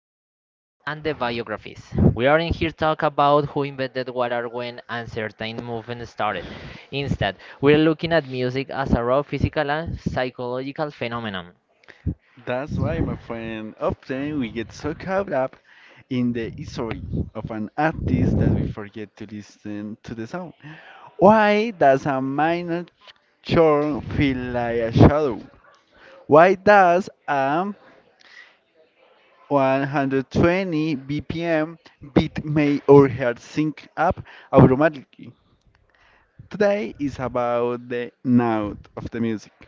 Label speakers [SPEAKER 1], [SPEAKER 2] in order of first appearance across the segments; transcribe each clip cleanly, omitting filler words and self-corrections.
[SPEAKER 1] names, the dates, and the biographies. We are not here to talk about who invented what or when and certain movement started. Instead, we are looking at music as a raw physical and psychological phenomenon.
[SPEAKER 2] That's why, my friend. Often we get so caught up in the history of an artist that we forget to listen to the sound. Why does a minor chord feel like a shadow? Why does a 120 BPM beat make our heart sync up automatically? Today is about the note of the music.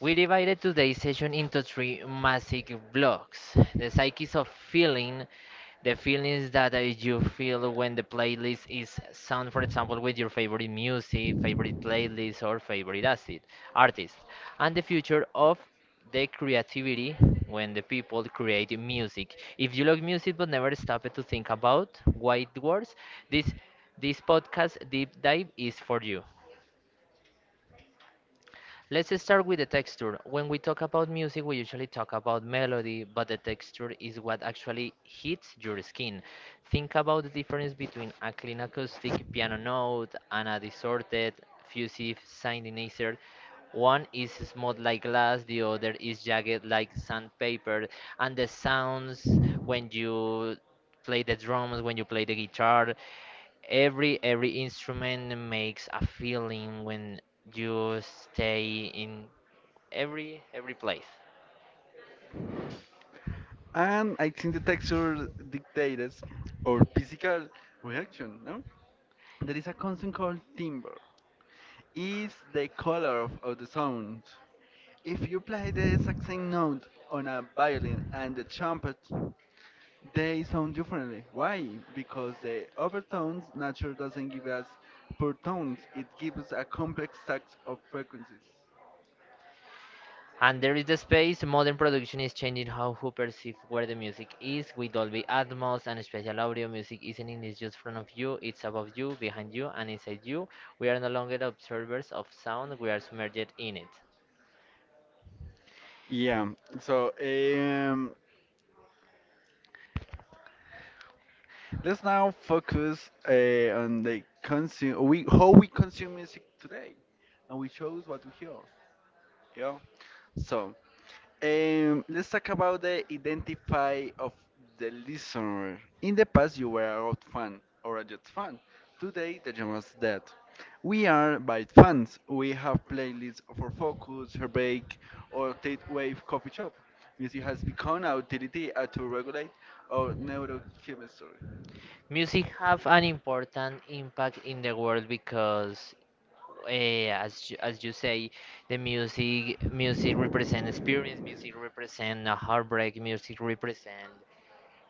[SPEAKER 1] We divided today's session into three massive blocks the psyches of feeling, the feelings that you feel when the playlist is sound, for example, with your favorite music, favorite playlist, or favorite artist, and the future of the creativity when the people create music. If you love music but never stop to think about why it works, this this podcast deep dive is for you. Let's start with the texture. When we talk about music, we usually talk about melody, but the texture is what actually hits your skin. Think about the difference between a clean acoustic piano note and a distorted, fusive sounding insert. One is smooth like glass, the other is jagged like sandpaper, and the sounds when you play the drums, when you play the guitar, every instrument makes a feeling when you stay in every place.
[SPEAKER 2] And I think the texture dictates our physical reaction, no? There is a constant called timbre. Is the color of the sound. If you play the exact same note on a violin and the trumpet, they sound differently. Why? Because the overtones nature doesn't give us pure tones. It gives us a complex stack of frequencies.
[SPEAKER 1] And there is the space. Modern production is changing how who perceive where the music is. With Dolby Atmos and spatial audio, music isn't in it's just front of you. It's above you, behind you, and inside you. We are no longer observers of sound. We are submerged in it.
[SPEAKER 2] Yeah. So um, let's now focus on the consume we how we consume music today, and we chose what we hear. Yeah. So. Let's talk about the identify of the listener. In the past, you were a rock fan or a Jets fan. Today, the genre's dead. We are Byte fans. We have playlists for Focus, Herbake, or Tate Wave Coffee Shop. Music has become our utility to regulate our neurochemistry.
[SPEAKER 1] Music have an important impact in the world because as you say, the music represent experience, music represent a heartbreak, music represent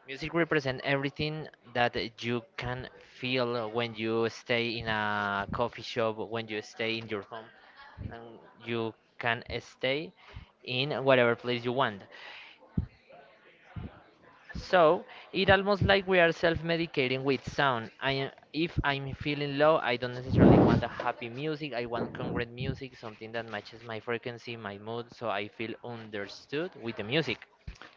[SPEAKER 1] music represent everything that you can feel when you stay in a coffee shop, when you stay in your home, and you can stay in whatever place you want. So it almost like we are self-medicating with sound. I am, if I'm feeling low, I don't necessarily want a happy music. I want congruent music, something that matches my frequency, my mood, so I feel understood with the music.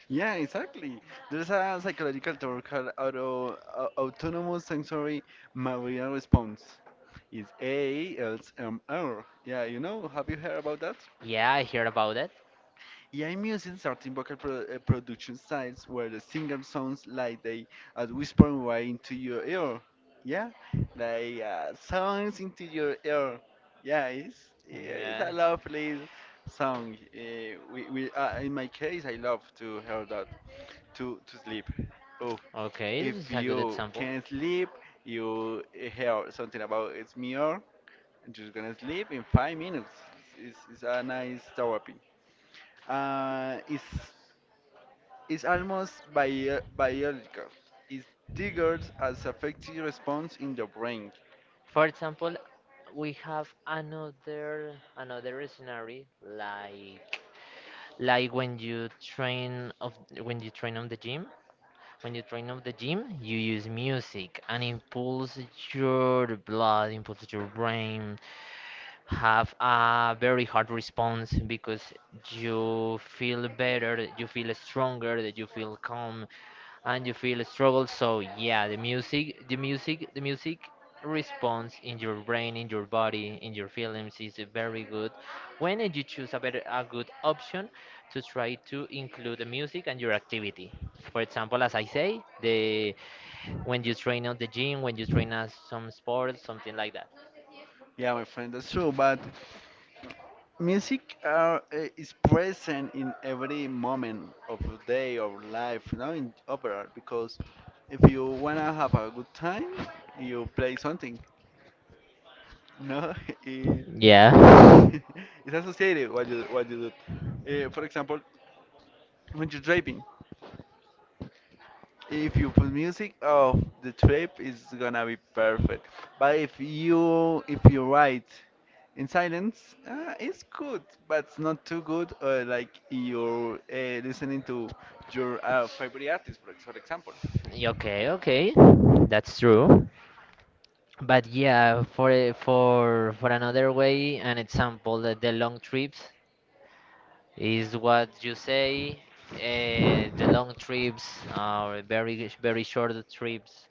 [SPEAKER 2] Yeah, exactly. There's a psychological term called autonomous sensory Maria response. It's ASMR. Yeah, you know, have you heard about that?
[SPEAKER 1] Yeah, I hear about it.
[SPEAKER 2] Yeah, I'm using certain vocal production styles where the singer sounds like they are whispering right into your ear. Yeah, like sounds into your ear. Yeah, it's yeah, it's a
[SPEAKER 1] Yeah.
[SPEAKER 2] lovely song. We In my case, I love to hear that to sleep. Oh,
[SPEAKER 1] Okay, this
[SPEAKER 2] if
[SPEAKER 1] is a good
[SPEAKER 2] you
[SPEAKER 1] example.
[SPEAKER 2] can't sleep, you hear something about it's mirror, and you're gonna sleep in 5 minutes. It's a nice therapy. Uh, it's it's almost biological. It triggers as affective response in the brain.
[SPEAKER 1] For example, we have another scenario like when you train on the gym when you train at the gym, you use music and impulse your blood, impulse your brain, have a very hard response because you feel better, you feel stronger, you feel calm, and you feel struggle, so yeah, the music response in your brain, in your body, in your feelings is very good when you choose a good option to try to include the music and your activity. For example, as I say, the when you train at the gym, when you train at some sports, something like that.
[SPEAKER 2] Yeah, my friend, that's true, but music are, is present in every moment of the day of life, you know, in opera, because if you wanna have a good time, you play something. No, it,
[SPEAKER 1] Yeah.
[SPEAKER 2] it's associated what you do. For example, when you're driving, if you put music of the trip, it's gonna be perfect. But if you write in silence, it's good, but it's not too good. Like you're listening to your favorite artist, for for example.
[SPEAKER 1] Okay, that's true, but yeah, for another way an example, the long trips. Is what you say, the long trips or very short trips.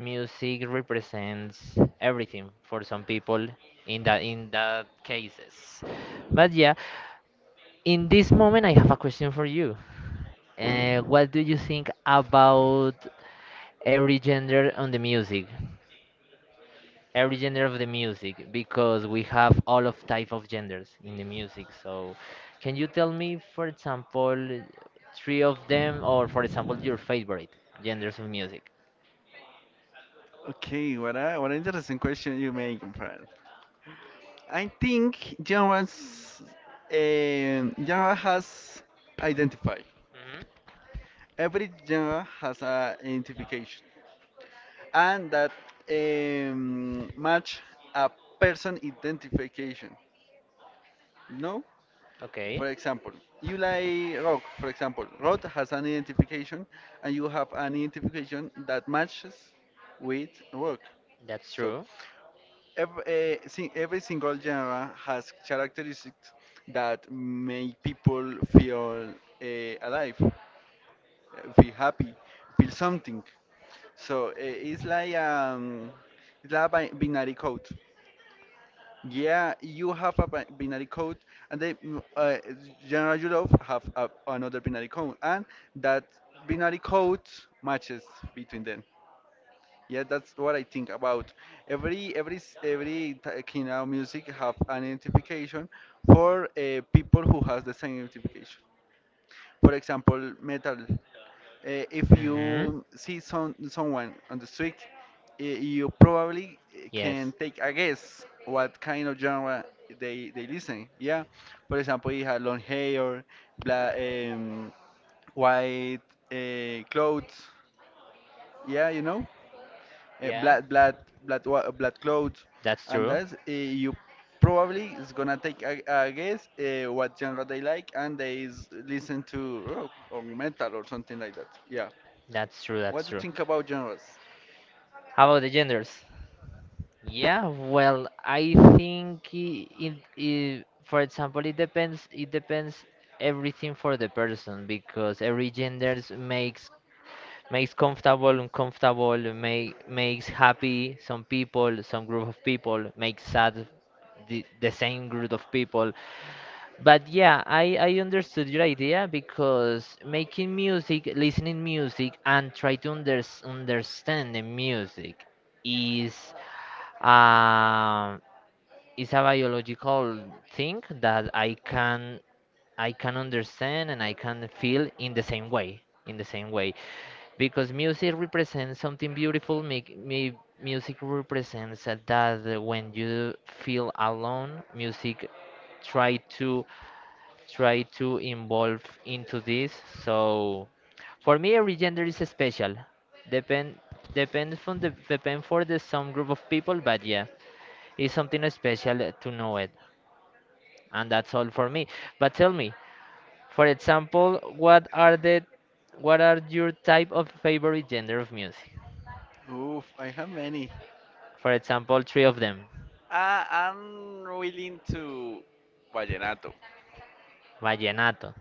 [SPEAKER 1] Music represents everything for some people in that cases. But yeah, in this moment I have a question for you. What do you think about every gender on the music? Every gender of the music, because we have all of type of genders in the music, so can you tell me, for example, three of them, or for example, your favorite genders in music?
[SPEAKER 2] Okay, what an interesting question you make, my friend. I think genre has identify.
[SPEAKER 1] Hmm.
[SPEAKER 2] Every genre has a identification, and that match a person identification. No,
[SPEAKER 1] Okay.
[SPEAKER 2] for example, you like rock. For example, rock has an identification, and you have an identification that matches with rock.
[SPEAKER 1] That's
[SPEAKER 2] So
[SPEAKER 1] true.
[SPEAKER 2] every, every single genre has characteristics that make people feel alive, feel happy, feel something. So it's like it's like a binary code. Yeah, you have a binary code, and then General Yulov have a, another binary code, and that binary code matches between them. Yeah, that's what I think about. Every kind of music have an identification for people who has the same identification. For example, metal. If
[SPEAKER 1] Hmm.
[SPEAKER 2] you see someone on the street, you probably
[SPEAKER 1] Yes.
[SPEAKER 2] can take a guess what kind of genre they listen. Yeah, for example, he had long hair, black, white clothes. Yeah, you know, uh,
[SPEAKER 1] Yeah,
[SPEAKER 2] black black black clothes,
[SPEAKER 1] that's
[SPEAKER 2] and
[SPEAKER 1] true.
[SPEAKER 2] that's you probably is gonna take a guess what genre they like, and they is listen to rock or metal or something like that. Yeah.
[SPEAKER 1] That's true.
[SPEAKER 2] What
[SPEAKER 1] That's
[SPEAKER 2] do you
[SPEAKER 1] true.
[SPEAKER 2] think about genres?
[SPEAKER 1] How about the genders? Yeah, well, I think for example, it depends. It depends everything for the person because every genders makes makes comfortable, uncomfortable, makes happy some people, some group of people, makes sad the same group of people. But yeah, I understood your idea because making music, listening music, and understand the music is. Um, it's a biological thing that I can understand, and I can feel in the same way, because music represents something beautiful. Make me music represents that when you feel alone, music try to try to involve into this. So for me, every gender is special. Depend depends from the depend for the some group of people, but yeah. It's something special to know it, and that's all for me. But tell me, for example, what are your type of favorite genre of music?
[SPEAKER 2] Oof, I have many.
[SPEAKER 1] For example, three of them.
[SPEAKER 2] I'm really into vallenato.
[SPEAKER 1] Vallenato.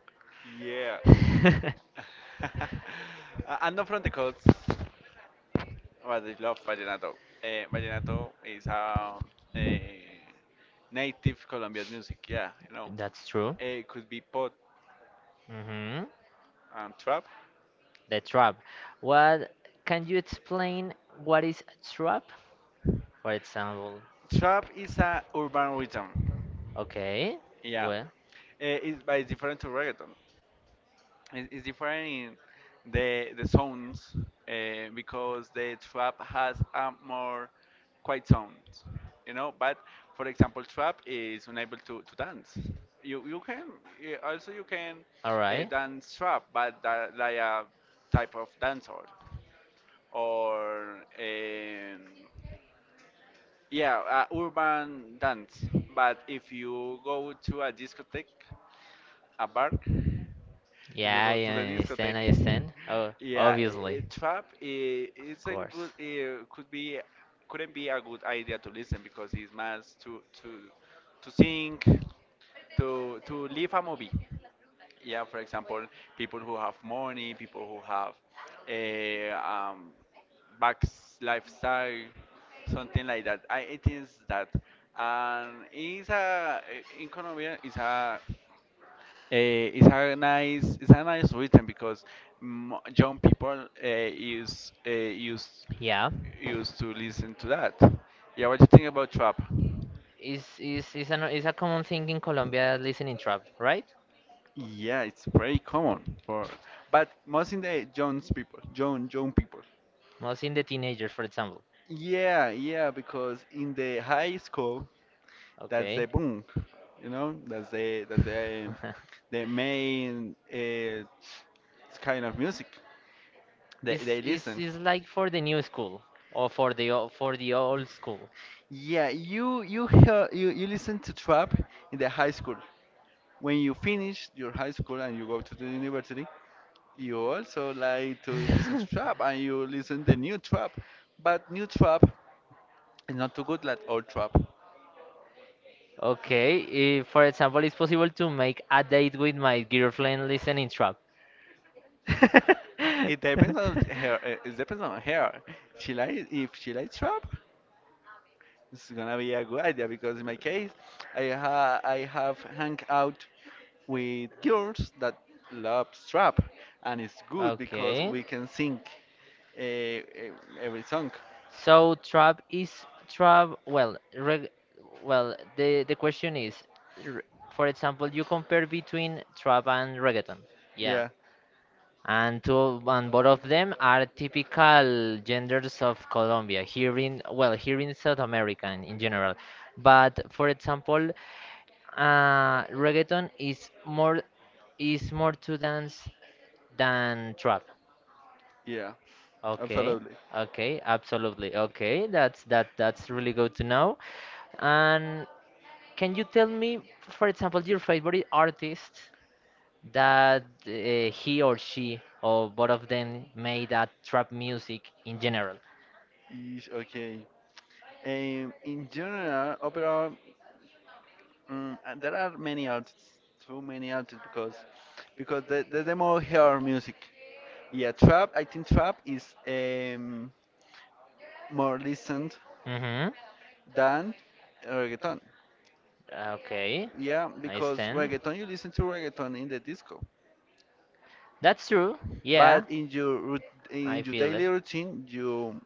[SPEAKER 2] Yeah. I- I'm not from the coast, but I love vallenato. Vallenato is a native Colombian music. Yeah, you know.
[SPEAKER 1] That's true.
[SPEAKER 2] It could be pop
[SPEAKER 1] Hmm.
[SPEAKER 2] and trap.
[SPEAKER 1] The trap. What can you explain what is a trap? For example,
[SPEAKER 2] Trap is a urban rhythm.
[SPEAKER 1] okay.
[SPEAKER 2] Yeah.
[SPEAKER 1] Well,
[SPEAKER 2] But it's different to reggaeton. It's different in the zones because the trap has a more quiet sound, you know. But for example, trap is unable to dance. You can eh, also you can
[SPEAKER 1] all right.
[SPEAKER 2] dance trap, but that, like a type of dancer or yeah, urban dance. But if you go to a discotheque, a bar if you
[SPEAKER 1] Yeah,
[SPEAKER 2] go
[SPEAKER 1] I
[SPEAKER 2] to the
[SPEAKER 1] understand, I
[SPEAKER 2] discotheque.
[SPEAKER 1] understand. Oh,
[SPEAKER 2] Yeah,
[SPEAKER 1] obviously.
[SPEAKER 2] trap
[SPEAKER 1] Of
[SPEAKER 2] isn't
[SPEAKER 1] course.
[SPEAKER 2] good. It couldn't be a good idea to listen because it's más to sing to leave a movie. Yeah, for example, people who have money, people who have a back lifestyle, something like that. I, it is that, and it's a in Colombia it's a nice rhythm because young people is used
[SPEAKER 1] Yeah.
[SPEAKER 2] used to listen to that. Yeah, what do you think about trap?
[SPEAKER 1] Is a common thing in Colombia listening trap, right?
[SPEAKER 2] Yeah, it's very common for, but most in the young people, young people.
[SPEAKER 1] Most in the teenagers, for example.
[SPEAKER 2] Yeah, yeah, because in the high school, that's
[SPEAKER 1] Okay.
[SPEAKER 2] the boom, you know, that's the that's the the main kind of music they
[SPEAKER 1] It's
[SPEAKER 2] they
[SPEAKER 1] it's
[SPEAKER 2] listen.
[SPEAKER 1] it's like for the new school or for the for the old school.
[SPEAKER 2] Yeah, you listen to trap in the high school. When you finish your high school and you go to the university, you also like to listen to trap and you listen the new trap. But new trap is not too good like old trap.
[SPEAKER 1] Okay, for example, it's possible to make a date with my girlfriend listening trap.
[SPEAKER 2] It depends on her. She like if she likes trap. It's gonna be a good idea because in my case, I have hang out with girls that love trap, and it's good because
[SPEAKER 1] Okay.
[SPEAKER 2] we can sing uh, every song.
[SPEAKER 1] So trap is trap. Well, well, the question is, r- for example, you compare between trap and reggaeton. Yeah.
[SPEAKER 2] Yeah,
[SPEAKER 1] And two, and both of them are typical genders of Colombia, here in, well, here in South America, in general. But for example, reggaeton is more, is more to dance than trap.
[SPEAKER 2] yeah,
[SPEAKER 1] Okay,
[SPEAKER 2] absolutely.
[SPEAKER 1] okay, absolutely. Okay, that's that that's really good to know. And can you tell me, for example, your favorite artist that he or she or both of them made at trap music in general?
[SPEAKER 2] Ish, okay. In general, overall, there are many artists, too many artists because the more hear music. Yeah, trap. I think trap is more listened
[SPEAKER 1] Mm-hmm.
[SPEAKER 2] than reggaeton.
[SPEAKER 1] Okay,
[SPEAKER 2] Yeah,
[SPEAKER 1] I
[SPEAKER 2] because
[SPEAKER 1] stand.
[SPEAKER 2] reggaeton you listen to reggaeton in the disco,
[SPEAKER 1] That's true. Yeah,
[SPEAKER 2] but in your in
[SPEAKER 1] I
[SPEAKER 2] your
[SPEAKER 1] feel it.
[SPEAKER 2] daily routine you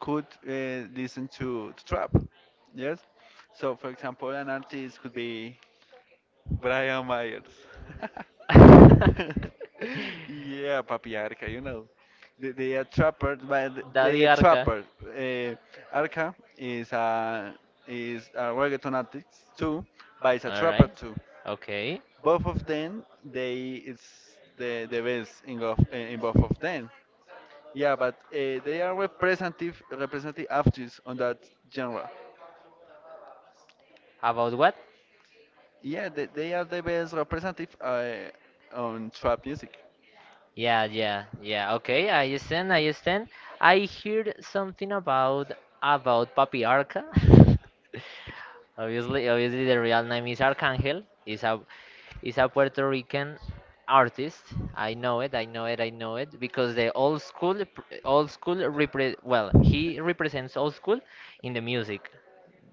[SPEAKER 2] could listen to trap. Yes. So for example, an artist could be Brian Myers. Yeah, Papi Arca, you know. They
[SPEAKER 1] Daddy
[SPEAKER 2] are
[SPEAKER 1] Arca.
[SPEAKER 2] trappers. Arca is a reggaeton artist too, but it's a
[SPEAKER 1] All
[SPEAKER 2] trapper
[SPEAKER 1] right.
[SPEAKER 2] too.
[SPEAKER 1] Okay.
[SPEAKER 2] Both of them they it's the best in, of, in both of them. Yeah, but they are representative artists on that genre.
[SPEAKER 1] About what?
[SPEAKER 2] Yeah, they are the best representative on trap music.
[SPEAKER 1] Yeah, yeah, yeah. Okay, I understand. I understand. I heard something about Papiarca. Obviously, obviously, the real name is Arcangel. Is a Puerto Rican artist. I know it. I know it. I know it because the old school old school repre well, he represents old school in the music.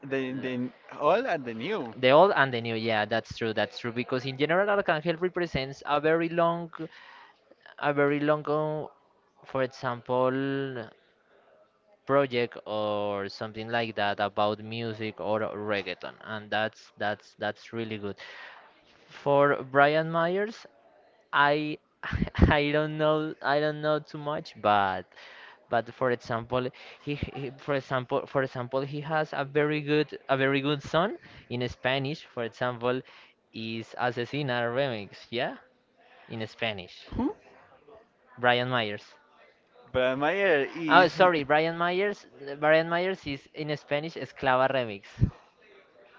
[SPEAKER 2] They all are the new
[SPEAKER 1] The old and the new. Yeah, that's true. That's true because in general, Arcangel represents a very long. A very long, for example, project or something like that about music or reggaeton, and that's really good. For Brian Myers, I I don't know too much, but for example, for example he has a very good song in Spanish. For example, is Asesina remix, yeah, in Spanish.
[SPEAKER 2] Who?
[SPEAKER 1] Brian Myers.
[SPEAKER 2] Brian Mayer
[SPEAKER 1] Oh,
[SPEAKER 2] is
[SPEAKER 1] sorry, Brian Myers. Brian Myers is in Spanish Esclava Remix.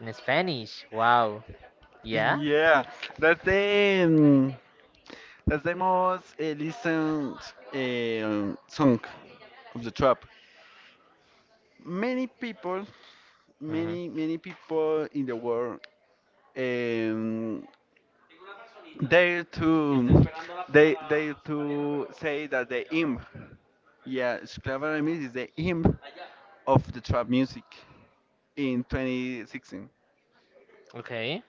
[SPEAKER 1] In Spanish. Wow. Yeah.
[SPEAKER 2] yeah, that's the um, that's the most listened song of the trap. many people,
[SPEAKER 1] Mhm.
[SPEAKER 2] Many people in the world um, dare to they dare to say that Esclavara is the imp of the trap music in 2016.
[SPEAKER 1] Okay.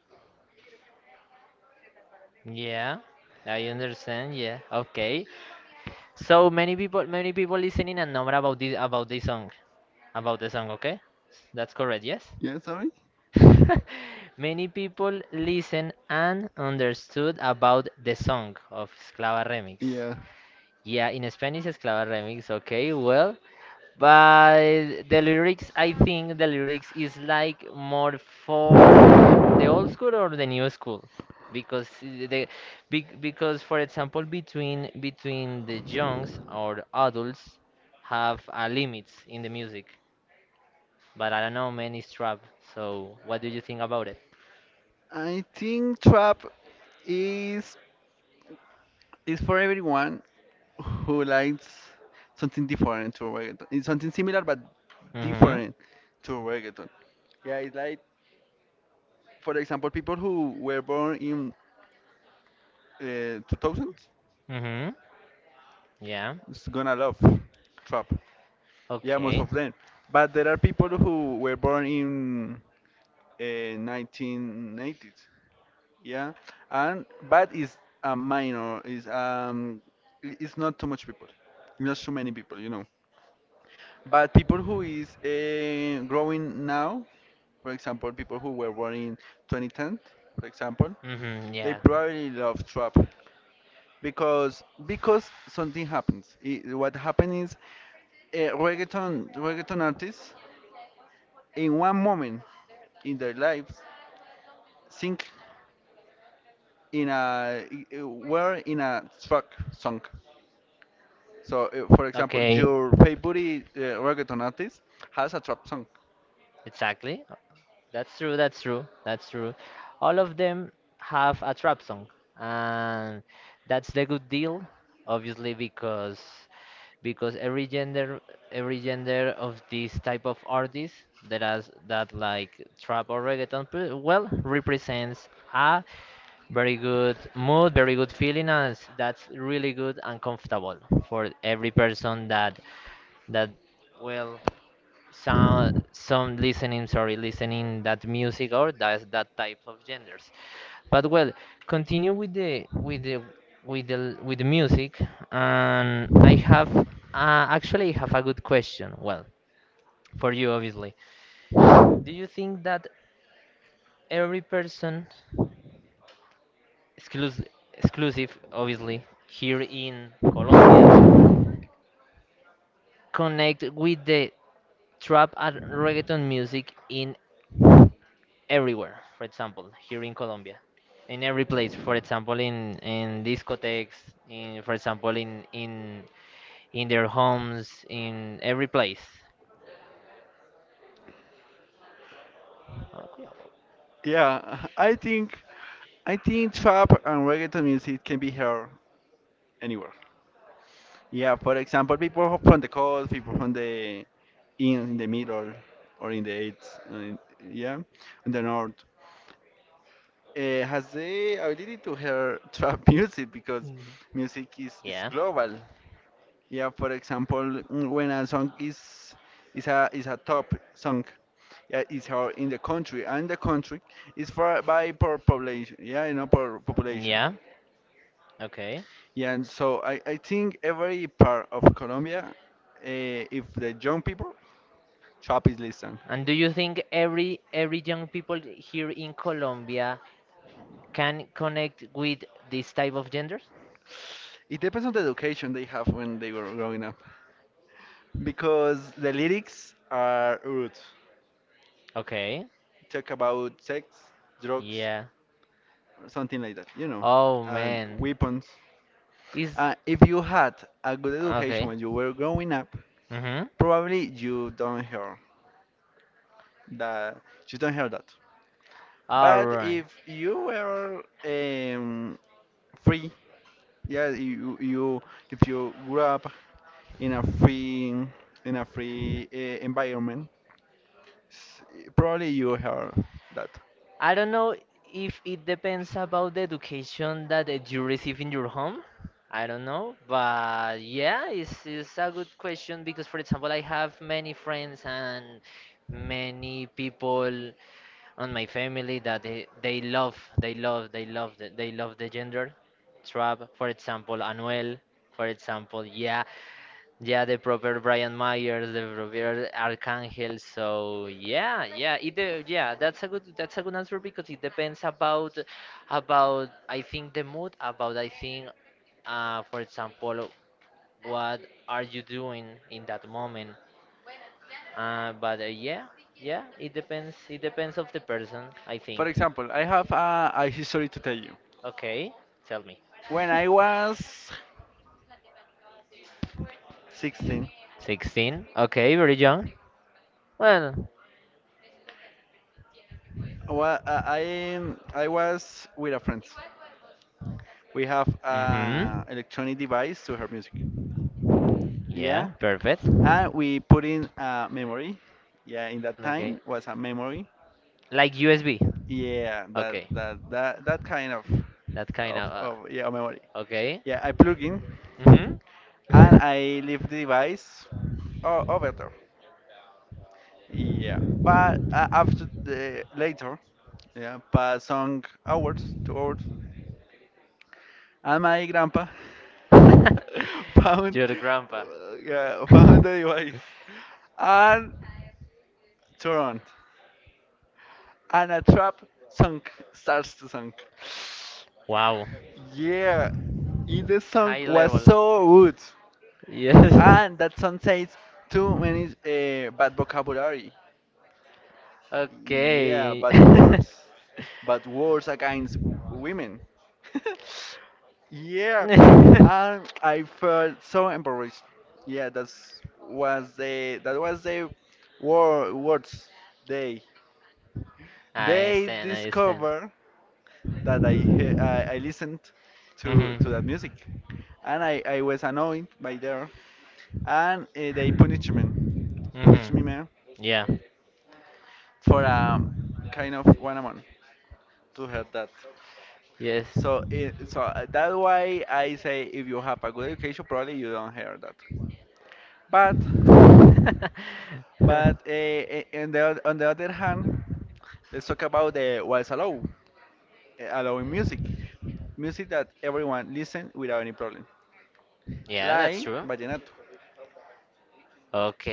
[SPEAKER 1] Yeah. I understand. Yeah. Okay. So many people listening and know about this song, about the song. Okay, that's correct. Yes.
[SPEAKER 2] Yeah, sorry.
[SPEAKER 1] Many people listen and understood about the song of Esclava Remix.
[SPEAKER 2] Yeah,
[SPEAKER 1] Yeah, in Spanish, Esclava remix. Okay, well, but the lyrics, I think the lyrics is like more for the old school or the new school, because because for example, between the youngs or adults have a limits in the music. But I don't know, man, it's trap. So what do you think about it?
[SPEAKER 2] I think trap is is for everyone who likes something different to reggaeton. It's something similar but
[SPEAKER 1] Mhm.
[SPEAKER 2] different to reggaeton. Yeah, it's like for example, people who were born in 2000s
[SPEAKER 1] Mhm. Yeah.
[SPEAKER 2] is gonna love trap. Yeah, most
[SPEAKER 1] Okay.
[SPEAKER 2] of them. But there are people who were born in uh, 1980s. Yeah, and but it's a minor. It's not too much people. Not too many people, you know. But people who is growing now, for example, people who were born in 2010, for example,
[SPEAKER 1] Mhm.
[SPEAKER 2] they
[SPEAKER 1] Yeah.
[SPEAKER 2] probably love trap. Because something happens. I What happened is reggaeton artists in one moment in their lives sink in were in a track song. So for example,
[SPEAKER 1] Okay.
[SPEAKER 2] your favorite reggaeton artist has a trap song.
[SPEAKER 1] Exactly. That's true. That's true. That's true. All of them have a trap song, and that's the good deal, obviously, because every gender of this type of artists that has that like trap or reggaeton well represents a very good mood, very good feeling, and that's really good and comfortable for every person that that, well, some listening, sorry, listening that music or that that type of genders. But well, continue with the with the with the with the music. And I have actually have a good question, well, for you, obviously. Do you think that every person exclusive exclusive, obviously here in Colombia, connect with the trap and reggaeton music in everywhere. For example, here in Colombia, in every place. For example, in discotheques, in for example, in their homes, in every place. Okay.
[SPEAKER 2] Yeah, I think trap and reggaeton music can be heard anywhere. Yeah, for example, people from the coast, people from the in the middle or in the eighth, yeah, in the north, uh, has the ability to hear trap music because music is
[SPEAKER 1] Yeah.
[SPEAKER 2] global. Yeah, for example, when a song is is a top song, yeah, is how in the country and the country is for by per population, yeah, you know, per population.
[SPEAKER 1] Yeah. Okay.
[SPEAKER 2] Yeah, and so I think every part of Colombia, if the young people, trap is listened.
[SPEAKER 1] And do you think every young people here in Colombia can connect with this type of genders?
[SPEAKER 2] It depends on the education they have when they were growing up, because the lyrics are rude.
[SPEAKER 1] Okay.
[SPEAKER 2] Talk about sex, drugs,
[SPEAKER 1] Yeah.
[SPEAKER 2] or something like that, you know,
[SPEAKER 1] Oh
[SPEAKER 2] and
[SPEAKER 1] man.
[SPEAKER 2] weapons.
[SPEAKER 1] Is
[SPEAKER 2] If you had a good education
[SPEAKER 1] okay.
[SPEAKER 2] when you were growing up,
[SPEAKER 1] Mhm.
[SPEAKER 2] probably you don't hear that. You don't hear that.
[SPEAKER 1] All
[SPEAKER 2] But
[SPEAKER 1] right.
[SPEAKER 2] if you were free, yeah, you if you grew up in a free in a free environment S- probably you heard that.
[SPEAKER 1] I don't know if it depends about the education that you receive in your home. I don't know, but yeah, it's a good question because, for example, I have many friends and many people on my family that they, they love the gender trap, for example Anuel, for example. Yeah, yeah, the proper Brian Myers, the proper Archangel. So yeah, yeah, it yeah, that's a good, that's a good answer because it depends about, I think, the mood, about, I think, for example, what are you doing in that moment. But yeah, yeah, it depends. It depends of the person, I
[SPEAKER 2] For
[SPEAKER 1] think.
[SPEAKER 2] example, I have a history to tell you.
[SPEAKER 1] Okay, tell me.
[SPEAKER 2] When I was 16,
[SPEAKER 1] 16. Okay, very young. Well,
[SPEAKER 2] I was with a friend. We have
[SPEAKER 1] mm-hmm.
[SPEAKER 2] an electronic device to hear music. Yeah,
[SPEAKER 1] Yeah, perfect.
[SPEAKER 2] and we put in a memory. Yeah, in that
[SPEAKER 1] Okay.
[SPEAKER 2] time was a memory.
[SPEAKER 1] Like USB.
[SPEAKER 2] Yeah, that
[SPEAKER 1] Okay.
[SPEAKER 2] that that that kind of
[SPEAKER 1] That kind of
[SPEAKER 2] of yeah memory.
[SPEAKER 1] okay.
[SPEAKER 2] Yeah, I plug in
[SPEAKER 1] Mhm.
[SPEAKER 2] and I leave the device over there. Yeah, but after the later, yeah, past some hours, 2 hours, and my grandpa found
[SPEAKER 1] Your grandpa.
[SPEAKER 2] yeah, found the device and turned and a trap sunk starts to sunk.
[SPEAKER 1] Wow.
[SPEAKER 2] Yeah, in the song
[SPEAKER 1] High
[SPEAKER 2] was
[SPEAKER 1] level.
[SPEAKER 2] so good,
[SPEAKER 1] Yes.
[SPEAKER 2] and that song says too many bad vocabulary. Yeah,
[SPEAKER 1] Okay. I
[SPEAKER 2] bad words against women. yeah, I felt so embarrassed. Yeah, that was the war words they they
[SPEAKER 1] understand, I understand.
[SPEAKER 2] discovered that I listened to that music
[SPEAKER 1] Mhm.
[SPEAKER 2] and I was annoyed by there and they punished me punished me,
[SPEAKER 1] Mhm.
[SPEAKER 2] man,
[SPEAKER 1] Yeah.
[SPEAKER 2] for kind of 1 month to have that.
[SPEAKER 1] Yes.
[SPEAKER 2] So that's why I say if you have a good education, probably you don't hear that. But but on the on the other hand, let's talk about the what's allowed, allowing music, music that everyone listen without any problem.
[SPEAKER 1] Yeah, that's
[SPEAKER 2] Like
[SPEAKER 1] true.
[SPEAKER 2] vallenato.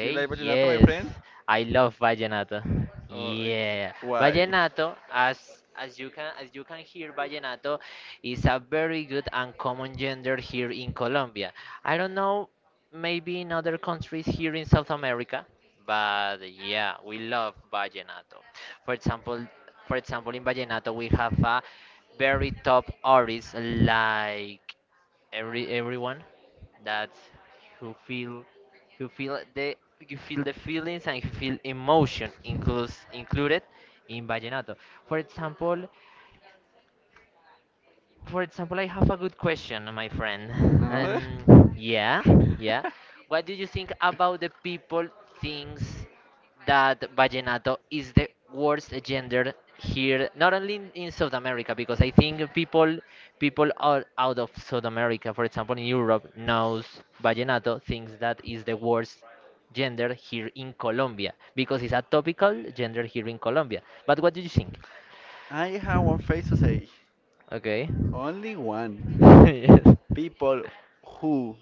[SPEAKER 2] You like vallenato, my
[SPEAKER 1] yes,
[SPEAKER 2] friend?
[SPEAKER 1] I love vallenato.
[SPEAKER 2] Oh,
[SPEAKER 1] Yeah,
[SPEAKER 2] why?
[SPEAKER 1] vallenato, as you can hear, vallenato is a very good and common genre here in Colombia. I don't know, maybe in other countries here in South America, but yeah, we love vallenato. For example, for example, in vallenato we have a very top artists like everyone. That who feel who feel the you feel the feelings and you feel emotion includes included in vallenato. For example, for example, I have a good question, my friend.
[SPEAKER 2] Another?
[SPEAKER 1] And yeah, yeah. What do you think about the people thinks that vallenato is the worst gender here, not only in South America, because I think people out of South America, for example, in Europe, knows vallenato, thinks that is the worst gender here in Colombia, because it's a topical gender here in Colombia. But what do you think?
[SPEAKER 2] I have one phrase to say.
[SPEAKER 1] Okay.
[SPEAKER 2] Only one.
[SPEAKER 1] Yes.
[SPEAKER 2] People who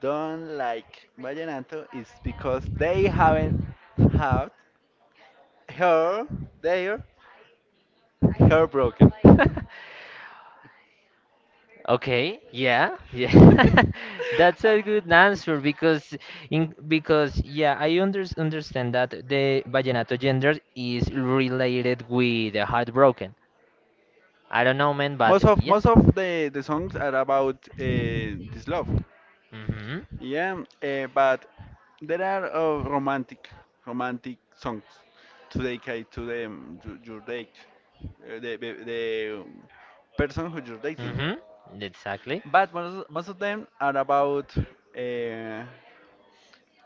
[SPEAKER 2] don't like vallenato is because they haven't had her their hair broken.
[SPEAKER 1] Okay, yeah, yeah. That's a good answer because in because yeah, I understand that the vallenato gender is related with the heartbroken. I don't know, man, but.
[SPEAKER 2] Most of the songs are about this
[SPEAKER 1] Mhm.
[SPEAKER 2] love. Yeah, but there are romantic songs to dedicate to them to your date, the, the person who you're dating.
[SPEAKER 1] Mhm. Exactly.
[SPEAKER 2] But most of them are about uh,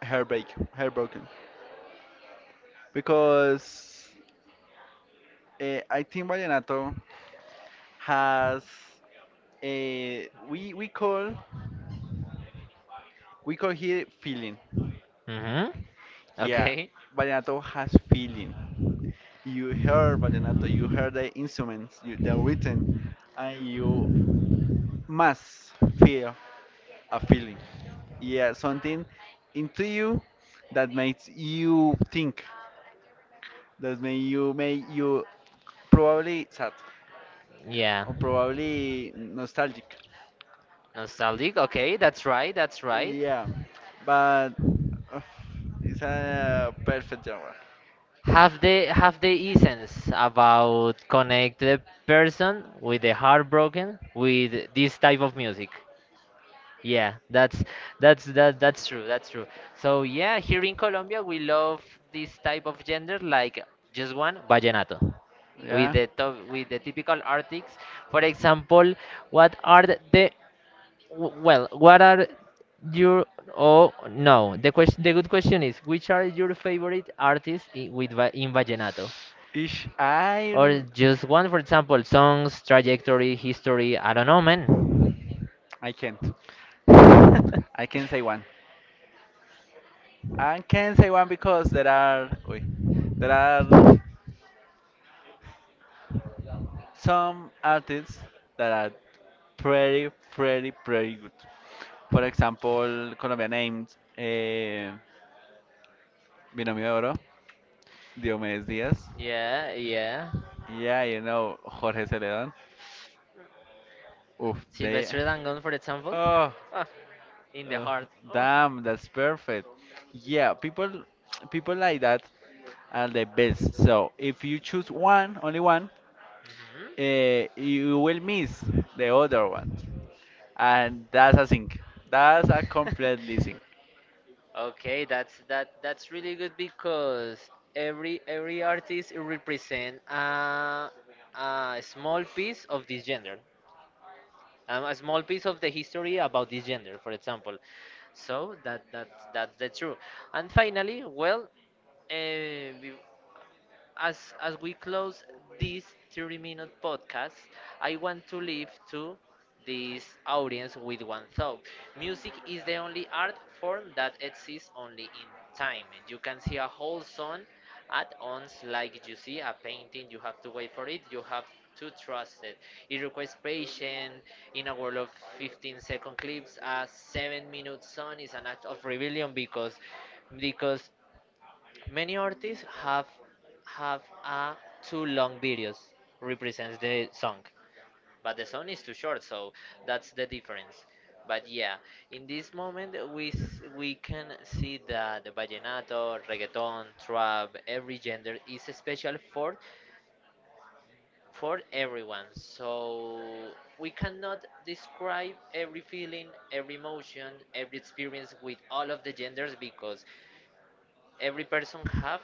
[SPEAKER 2] heartbreak, heartbroken, because I think vallenato has a we call here feeling.
[SPEAKER 1] Mhm.
[SPEAKER 2] Yeah,
[SPEAKER 1] Okay,
[SPEAKER 2] vallenato has feeling. You heard vallenato, you heard the instruments, you, the written, and you must feel a feeling. Yeah, something into you that makes you think, that make you probably sad
[SPEAKER 1] yeah.
[SPEAKER 2] or probably nostalgic.
[SPEAKER 1] Nostalgic. Okay, that's right. That's right.
[SPEAKER 2] Yeah, but uh, it's a perfect genre.
[SPEAKER 1] Have the essence about connect the person with the heartbroken with this type of music, yeah, that's that's true. That's true. So yeah, here in Colombia we love this type of gender like just one vallenato with
[SPEAKER 2] Yeah.
[SPEAKER 1] the typical artists. For example, what are the- w- well, what are your, oh no, the good question is which are your favorite artists in vallenato?
[SPEAKER 2] Ish,
[SPEAKER 1] Or just one, for example, songs, trajectory, history, I don't know, man.
[SPEAKER 2] I can't. I can say one. I can say one because there are uy, there are some artists that are pretty pretty good. For example, Colombia named Binomio de Oro, Diomedes Diaz.
[SPEAKER 1] Yeah, yeah.
[SPEAKER 2] Yeah, you know, Jorge Celedon. Oof, they.
[SPEAKER 1] Sylvester Dangon, for example.
[SPEAKER 2] Oh,
[SPEAKER 1] Oh, in the
[SPEAKER 2] uh,
[SPEAKER 1] heart. Oh.
[SPEAKER 2] damn, that's perfect. Yeah, people like that are the best. So if you choose one, only one,
[SPEAKER 1] Mhm.
[SPEAKER 2] you will miss the other ones, and that's a sink. That's a completely sink.
[SPEAKER 1] Okay, that's that that's really good because every artist represent a small piece of this gender. A small piece of the history about this gender, for example. So that's the true. And finally, well, uh, as we close this 30-minute podcast, I want to leave to this audience with one thought. Music is the only art form that exists only in time. You can see a whole song at once, like you see a painting. You have to wait for it, you have to trust it, it requires patience. In a world of 15-second clips, a 7-minute song is an act of rebellion, because many artists have a too long videos represents the song, but the song is too short, so that's the difference. But yeah, in this moment we can see that the vallenato, reggaeton, trap, every gender is special for everyone. So we cannot describe every feeling, every emotion, every experience with all of the genders, because every person have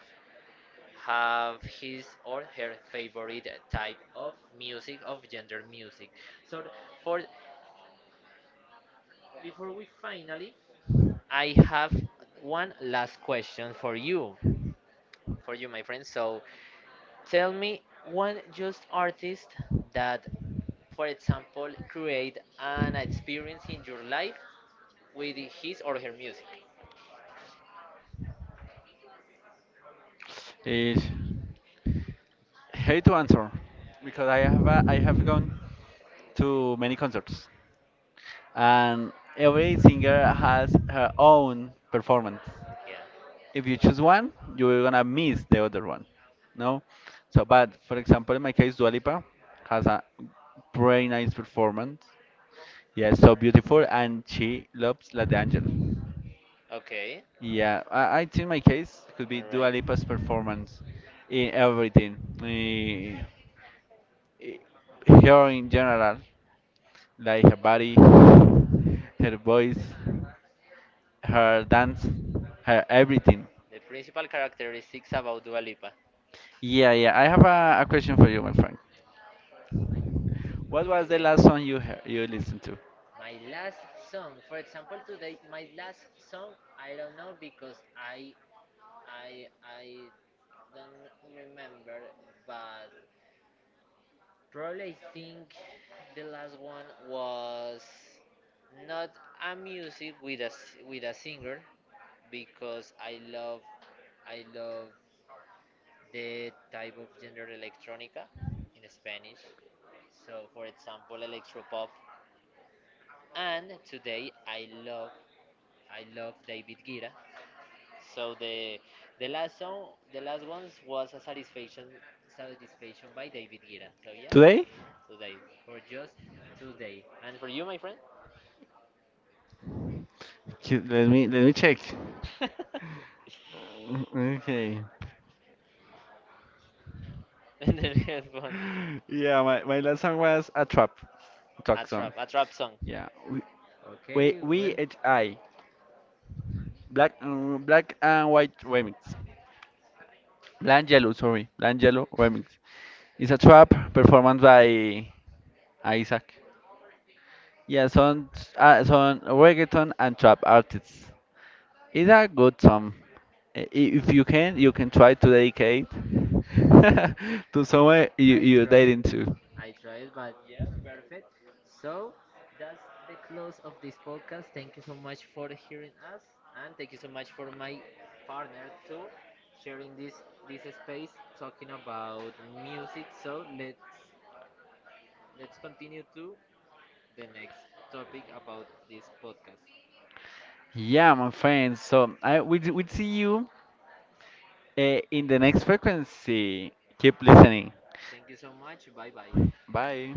[SPEAKER 1] have his or her favorite type of music, of gender music. So, for before we finally, I have one last question for you, my friend, so tell me one just artist that, for example, create an experience in your life with his or her music.
[SPEAKER 2] Ish. Hate to answer because I have gone to many concerts and every singer has her own performance.
[SPEAKER 1] Yeah.
[SPEAKER 2] If you choose one, you're gonna miss the other one. No? So but for example in my case Dua Lipa has a very nice performance. Yeah, so beautiful and she loves La de Angel.
[SPEAKER 1] Okay.
[SPEAKER 2] Yeah, I think my case could be
[SPEAKER 1] All
[SPEAKER 2] Dua
[SPEAKER 1] right.
[SPEAKER 2] Lipa's performance in everything. Eh, Her in general. Like her body, her voice, her dance, her everything.
[SPEAKER 1] The principal characteristics about Dua Lipa.
[SPEAKER 2] Yeah, yeah. I have a question for you, my friend. What was the
[SPEAKER 1] Okay.
[SPEAKER 2] last song you heard, you listened to?
[SPEAKER 1] My last song, for example, today, my last song, I don't know, because I don't remember, but probably I think the last one was not a music with a singer, because I love the type of genre electronica in Spanish. So, for example, electropop. And today, I love David Guetta. So the last song, the last ones was a satisfaction by David Guetta. So yeah,
[SPEAKER 2] Today?
[SPEAKER 1] today, for just today. And for you, my friend?
[SPEAKER 2] Let me check.
[SPEAKER 1] And
[SPEAKER 2] Okay.
[SPEAKER 1] the last one,
[SPEAKER 2] Yeah, my last song was a trap.
[SPEAKER 1] a
[SPEAKER 2] Talk
[SPEAKER 1] trap, a trap song.
[SPEAKER 2] Yeah. We we
[SPEAKER 1] Okay,
[SPEAKER 2] we
[SPEAKER 1] well,
[SPEAKER 2] H I black black and white remix. Bland Yellow, sorry, Bland Yellow remix. It's a trap performance by Isaac. Yeah, son, son reggaeton and trap artists. It's a good song. If you can, you can try to dedicate to someone you you're dating to.
[SPEAKER 1] I tried, but perfect. So that's the close of this podcast. Thank you so much for hearing us, and thank you so much for my partner too, sharing this space talking about music. So let's continue to the next topic about this podcast.
[SPEAKER 2] Yeah, my friends. So I we see you in the next frequency. Keep listening.
[SPEAKER 1] Thank you so much. Bye bye.
[SPEAKER 2] Bye.